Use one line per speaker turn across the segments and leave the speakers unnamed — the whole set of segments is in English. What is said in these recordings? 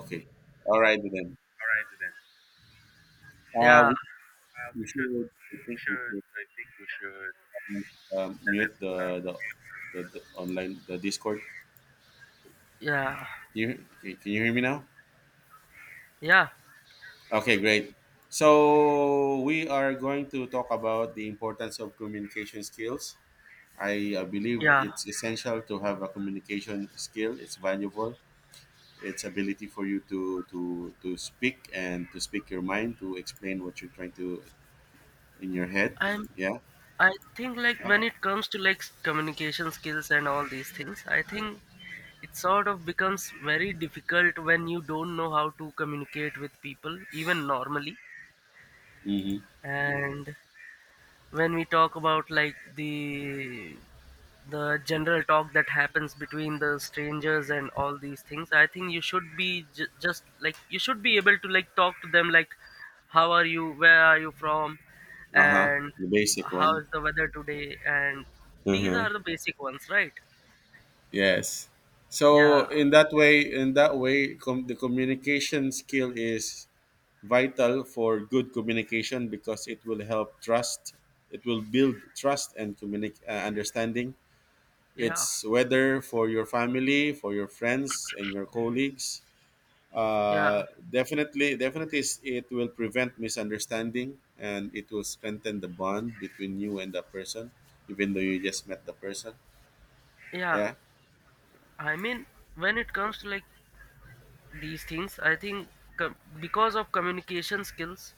Okay. All right then.
All right then.
Uh,
Yeah,
we,
we
we
should,
should. I think we
should.
should
I think we should select
mute the, the
uh,
the the
another.
online the Discord.
yeah,
You Can you hear me now?
yeah,
Okay, great. So we are going to talk about the importance of communication skills. I believe
yeah.
it's essential to have a communication skill. It's valuable. It's ability for you to speak and to speak your mind to explain what you're trying to in your head.
I'm.
Yeah.
I think, like, when
Uh,
it comes to, like, communication skills and all these things, I think it sort of becomes very difficult when you don't know how to communicate with people, even normally.
mhm.
And when we talk about, like, the general talk that happens between the strangers and all these things, I think you should be just, like, you should be able to, like, talk to them, like, how are you, where are you from,
Uh-huh.
and
The basic
how
one.
is the weather today, and these
Mm-hmm.
are the basic ones, right?
Yes.
yeah
So in that way, the communication skill is vital for good communication because it will help trust. It will build trust and understanding.
yeah
It's whether for your family, for your friends, and your colleagues.
yeah
Uh, definitely, it will prevent misunderstanding and it will strengthen the bond between you and the person, even though you just met the person.
Yeah,
Yeah,
I mean, when it comes to, like, these things, I think because of communication skills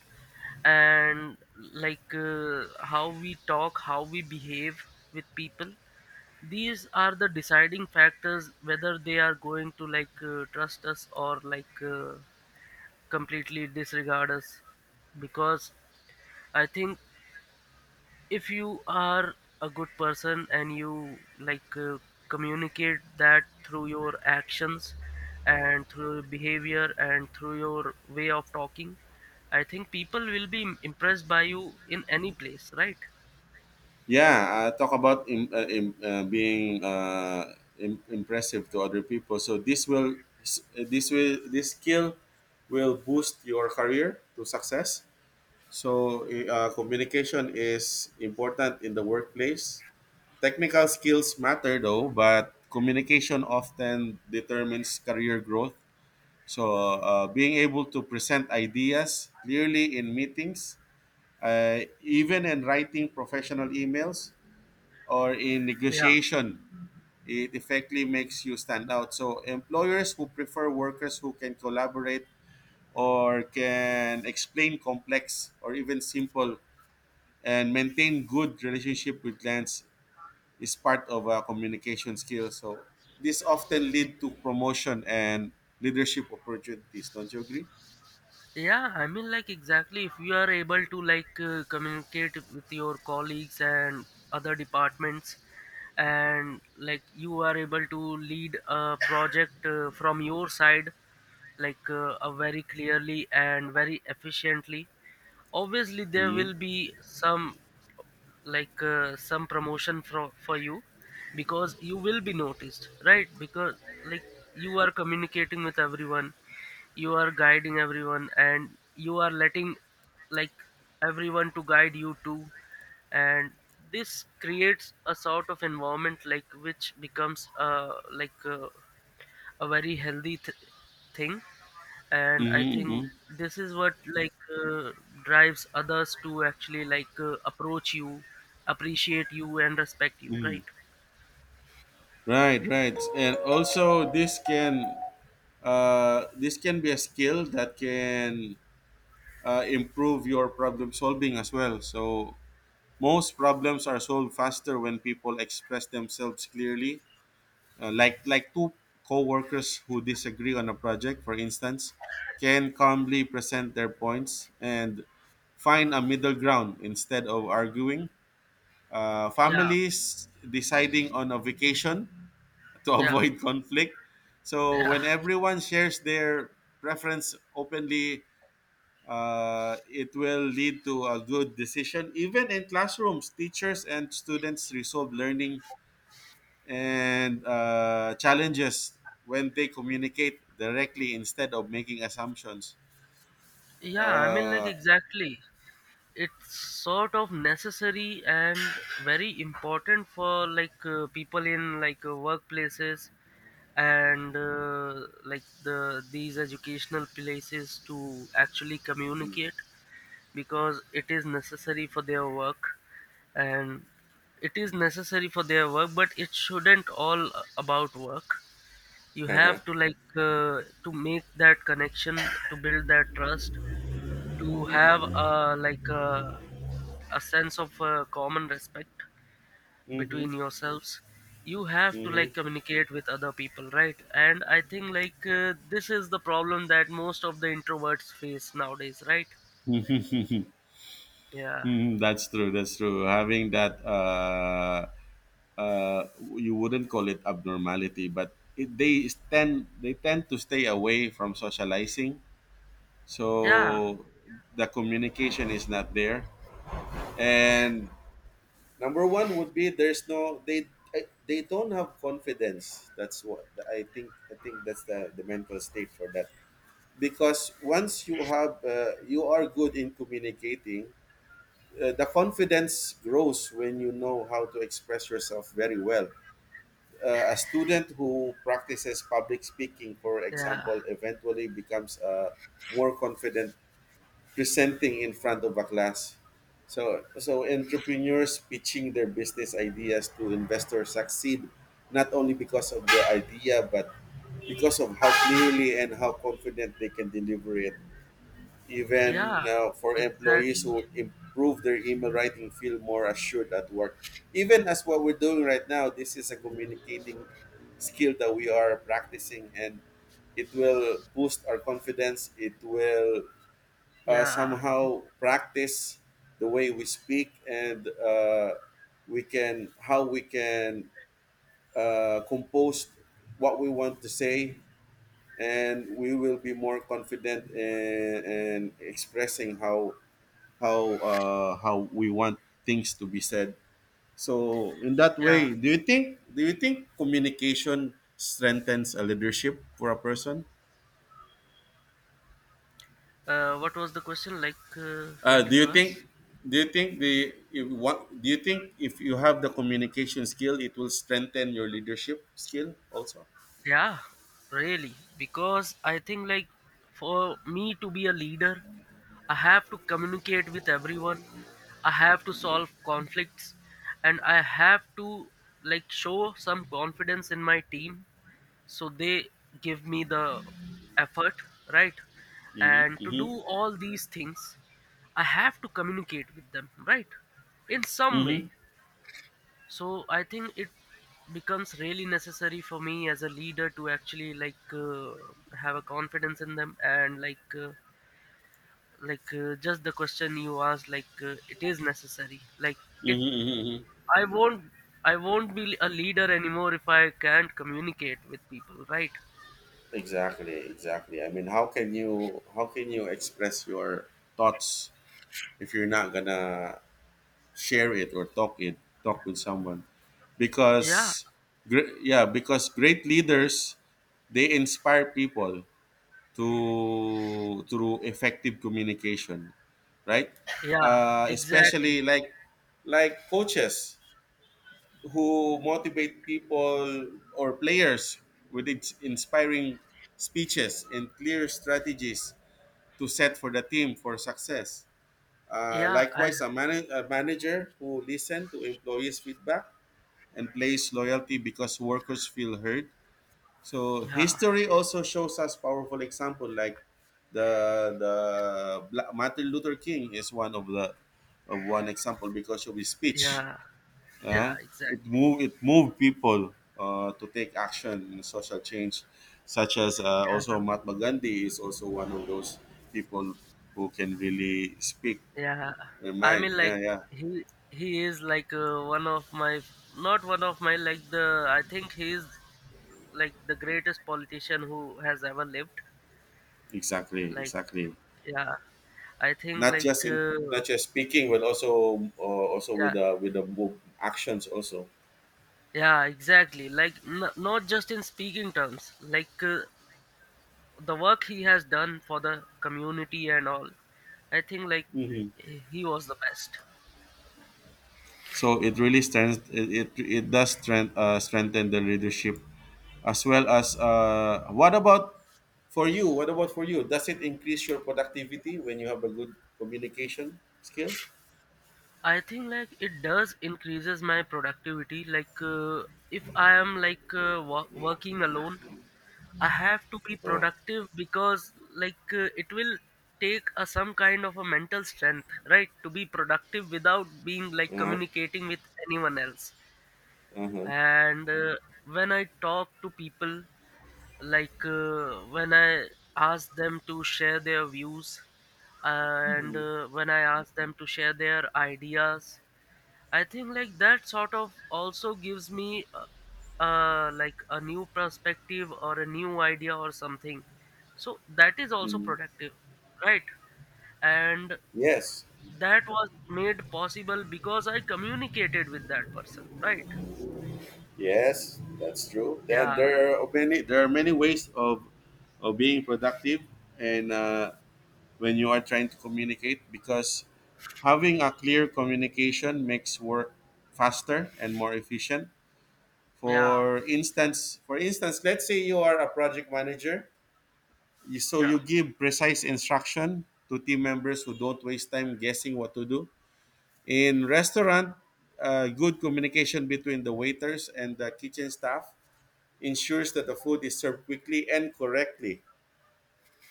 and, like, how we talk, how we behave with people, these are the deciding factors whether they are going to, like, trust us or, like, completely disregard us, because I think if you are a good person and you, like, communicate that through your actions and through your behavior and through your way of talking, I think people will be impressed by you in any place, right?
yeah. Talk about being impressive to other people. So this skill will boost your career to success. So communication is important in the workplace. Technical skills matter though, but communication often determines career growth. So being able to present ideas clearly in meetings, even in writing professional emails, or in
Yeah.
negotiation, it effectively makes you stand out. So employers who prefer workers who can collaborate or can explain complex or even simple and maintain good relationship with clients is part of a communication skill. So this often lead to promotion and leadership opportunities. Don't you agree?
Yeah, I mean, like, exactly, if you are able to, like, communicate with your colleagues and other departments, and, like, you are able to lead a project from your side, like, very clearly and very efficiently, obviously there
Hmm.
will be some, like, some promotion for you, because you will be noticed, right? Because, like, you are communicating with everyone, you are guiding everyone, and you are letting, like, everyone to guide you too, and this creates a sort of environment, like, which becomes like, a very healthy thing, and I
Hmm.
think this is what, like, drives others to actually, like, approach you, appreciate you, and respect you,
Hmm.
right?
Right, right, and also this can be a skill that can improve your problem solving as well. So most problems are solved faster when people express themselves clearly. Like two co-workers who disagree on a project, for instance, can calmly present their points and find a middle ground instead of arguing.
yeah
Families deciding on a vacation to
yeah
avoid conflict. So
yeah
when everyone shares their preference openly, it will lead to a good decision. Even in classrooms, teachers and students resolve learning and challenges when they communicate directly instead of making assumptions.
yeah I mean, like,
Uh,
exactly, it's sort of necessary and very important for, like, people in, like, workplaces and, like, these educational places to actually communicate, because it is necessary for their work, and it is necessary for their work, but it shouldn't all about work. You have to, like, to make that connection, to build that trust, to have a like a sense of, common respect
mhm.
between yourselves. You have to, like, communicate with other people, right? And I think, like, this is the problem that most of the introverts face nowadays, right? yeah
Mhm, that's true. That's true. Having that, uh, you wouldn't call it abnormality, but they tend to stay away from socializing,
yeah
so the communication is not there. And number one would be there's no they I- they don't have confidence. That's what I think. I think that's the mental state for that. Because once you have you are good in communicating, the confidence grows when you know how to express yourself very well. A student who practices public speaking, for
yeah
example, eventually becomes a more confident presenting in front of a class. So entrepreneurs pitching their business ideas to investors succeed not only because of their idea but because of how clearly and how confident they can deliver it.
Yeah,
Even for employees
exactly.
who improve their email writing, feel more assured at work. Even as what we're doing right now, this is a communicating skill that we are practicing, and it will boost our confidence. It will
Yeah,
somehow practice the way we speak and we can how we can compose what we want to say and we will be more confident in expressing how we want things to be said. So in that
yeah.
way, do you think communication strengthens a leadership for a person?
What was the question? Like, what
Uh,
did
do you
you ask?
think do you think the if what do you think if you have the communication skill it will strengthen your leadership skill also?
Yeah, really. Because I think, like, for me to be a leader, I have to communicate with everyone, I have to solve conflicts, and I have to, like, show some confidence in my team, so they give me the effort, right?
Hmm.
And to
Hmm.
do all these things, I have to communicate with them, right? In some way.
Mm-hmm.
So I think it becomes really necessary for me as a leader to actually, like, have a confidence in them, and, like, just the question you asked, like, it is necessary, like it
Mm-hmm. Mm-hmm. Hmm.
I won't, I won't be a leader anymore if I can't communicate with people, right?
Exactly, exactly. I mean, how can you express your thoughts if you're not gonna share it or talk with someone?
yeah
Because, yeah, because great leaders they inspire people to through effective communication, right?
yeah
uh,
exactly
especially like coaches who motivate people or players with its inspiring speeches and clear strategies to set for the team for success.
yeah i
Likewise, a manager who listens to employees feedback and place loyalty because workers feel heard. So
Yeah.
history also shows us powerful example like the the Martin Luther King is one of the of one example because of his speech.
yeah yeah
Uh, it
exactly
moved it moved people to take action in social change, such as also Mahatma Gandhi is also one of those people who can really speak
Yeah,
their
I
mind.
mean, like,
Yeah, yeah,
he is, like, one of my, not one of my like the I think he is, like, the greatest politician who has ever lived.
exactly,
Like,
exactly.
yeah, I think,
Not
like,
just in not just speaking, but also also with
yeah.
the move, actions also.
Yeah, exactly, like, not just in speaking terms, like, the work he has done for the community and all. I think, like,
Hmm.
he was the best.
So it really stands. It does strengthen the leadership, as well as what about for you? What about for you? Does it increase your productivity when you have a good communication skill?
I think, like, it does increases my productivity. Like, if I am, like, working alone, I have to be
Oh,
productive, because, like, it will take a, some kind of a mental strength, right, to be productive without being, like,
uh-huh.
communicating with anyone else.
Uh-huh.
And, when I talk to people, like, when I ask them to share their views, and, when I ask them to share their ideas, I think, like, that sort of also gives me like, a new perspective or a new idea or something. So that is also
Mm.
productive, right? And
Yes,
that was made possible because I communicated with that person, right?
yes, that's true. Then
Yeah,
there are many ways of being productive, and when you are trying to communicate because having a clear communication makes work faster and more efficient.
yeah,
For instance, let's say you are a project manager. So
yeah,
you give precise instruction to team members who don't waste time guessing what to do. In restaurant, good communication between the waiters and the kitchen staff ensures that the food is served quickly and correctly.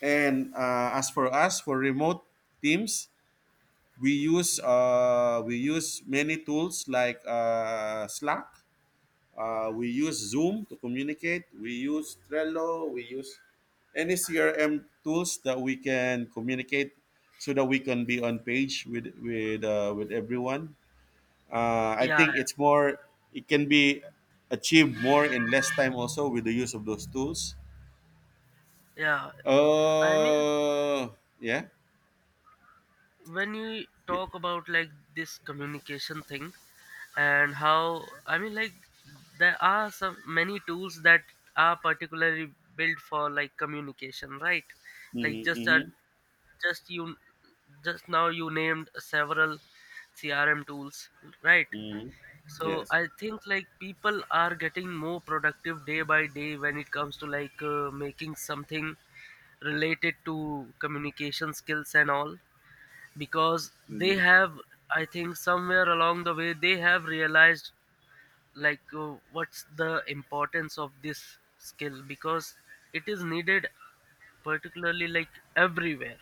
And as for us for remote teams, we use many tools like Slack. We use Zoom to communicate. We use Trello. We use any CRM tools that we can communicate, so that we can be on page with everyone. I
yeah,
think it's more. It can be achieved more in less time also with the use of those tools.
yeah. I mean,
Uh, yeah.
when you
Yeah.
talk about, like, this communication thing and how, I mean, like, there are some many tools that are particularly built for, like, communication, right? Like,
Mm-hmm,
just,
mm-hmm,
just you just now you named several CRM tools, right?
mm-hmm.
So
Yes.
I think, like, people are getting more productive day by day when it comes to, like, making something related to communication skills and all, because they
Mm-hmm,
have, I think, somewhere along the way they have realized, like, what's the importance of this skill, because it is needed particularly, like, everywhere,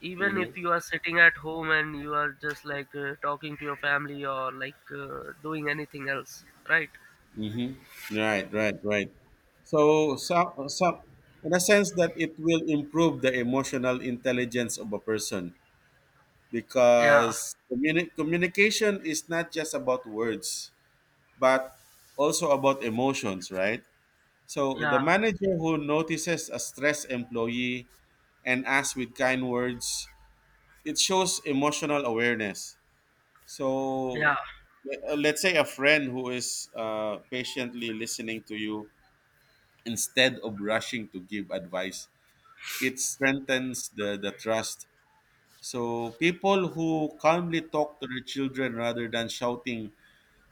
even
mm-hmm.
if you are sitting at home and you are just, like, talking to your family or, like, doing anything else, right?
Mm-hmm. Right, right, right. So, in a sense that it will improve the emotional intelligence of a person
yeah
because communication is not just about words, but also about emotions, right? So, the
yeah
manager who notices a stressed employee and asks with kind words, it shows emotional awareness.
yeah
So, let's say a friend who is patiently listening to you instead of rushing to give advice. It strengthens the trust. So people who calmly talk to their children rather than shouting,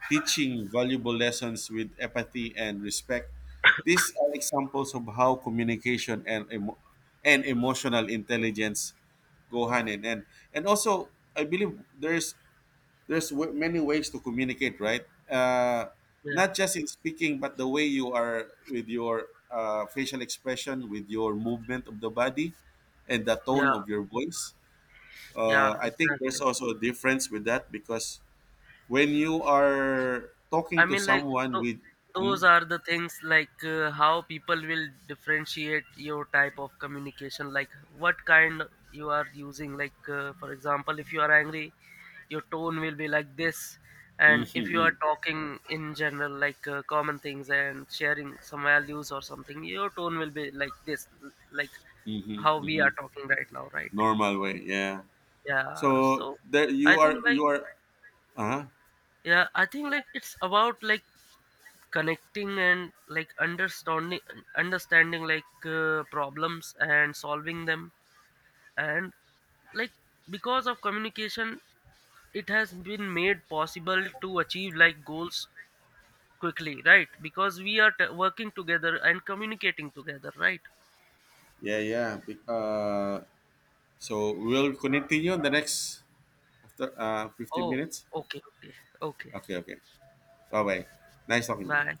teaching valuable lessons with empathy and respect. These are examples of how communication and and emotional intelligence go hand in hand. And also, I believe there's many ways to communicate, right?
yeah
Not just in speaking, but the way you are with your facial expression, with your movement of the body and the tone
yeah
of your voice.
yeah
I think
exactly
there's also a difference with that because when you are
I
talking to
mean, like,
someone
tho-
with
those
mm,
are the things, like, how people will differentiate your type of communication, like, what kind you are using. Like, for example, if you are angry, your tone will be like this, and
mm-hmm,
if you are
mm-hmm,
talking in general, like, common things and sharing some values or something, your tone will be like this, like
mm-hmm,
how we
mm-hmm,
are talking right now, right?
normal way. Yeah,
Yeah.
so
So
there you
I think, like,
are uh huh,
yeah, I think, like, it's about, like, connecting and, like, understanding, like, problems and solving them, and, like, because of communication, it has been made possible to achieve, like, goals quickly, right? Because we are working together and communicating together, right?
yeah yeah. So we'll continue in the next fifteen
Oh,
minutes?
okay, okay, okay.
Okay, okay. Bye-bye. Nice talking to you.
Bye.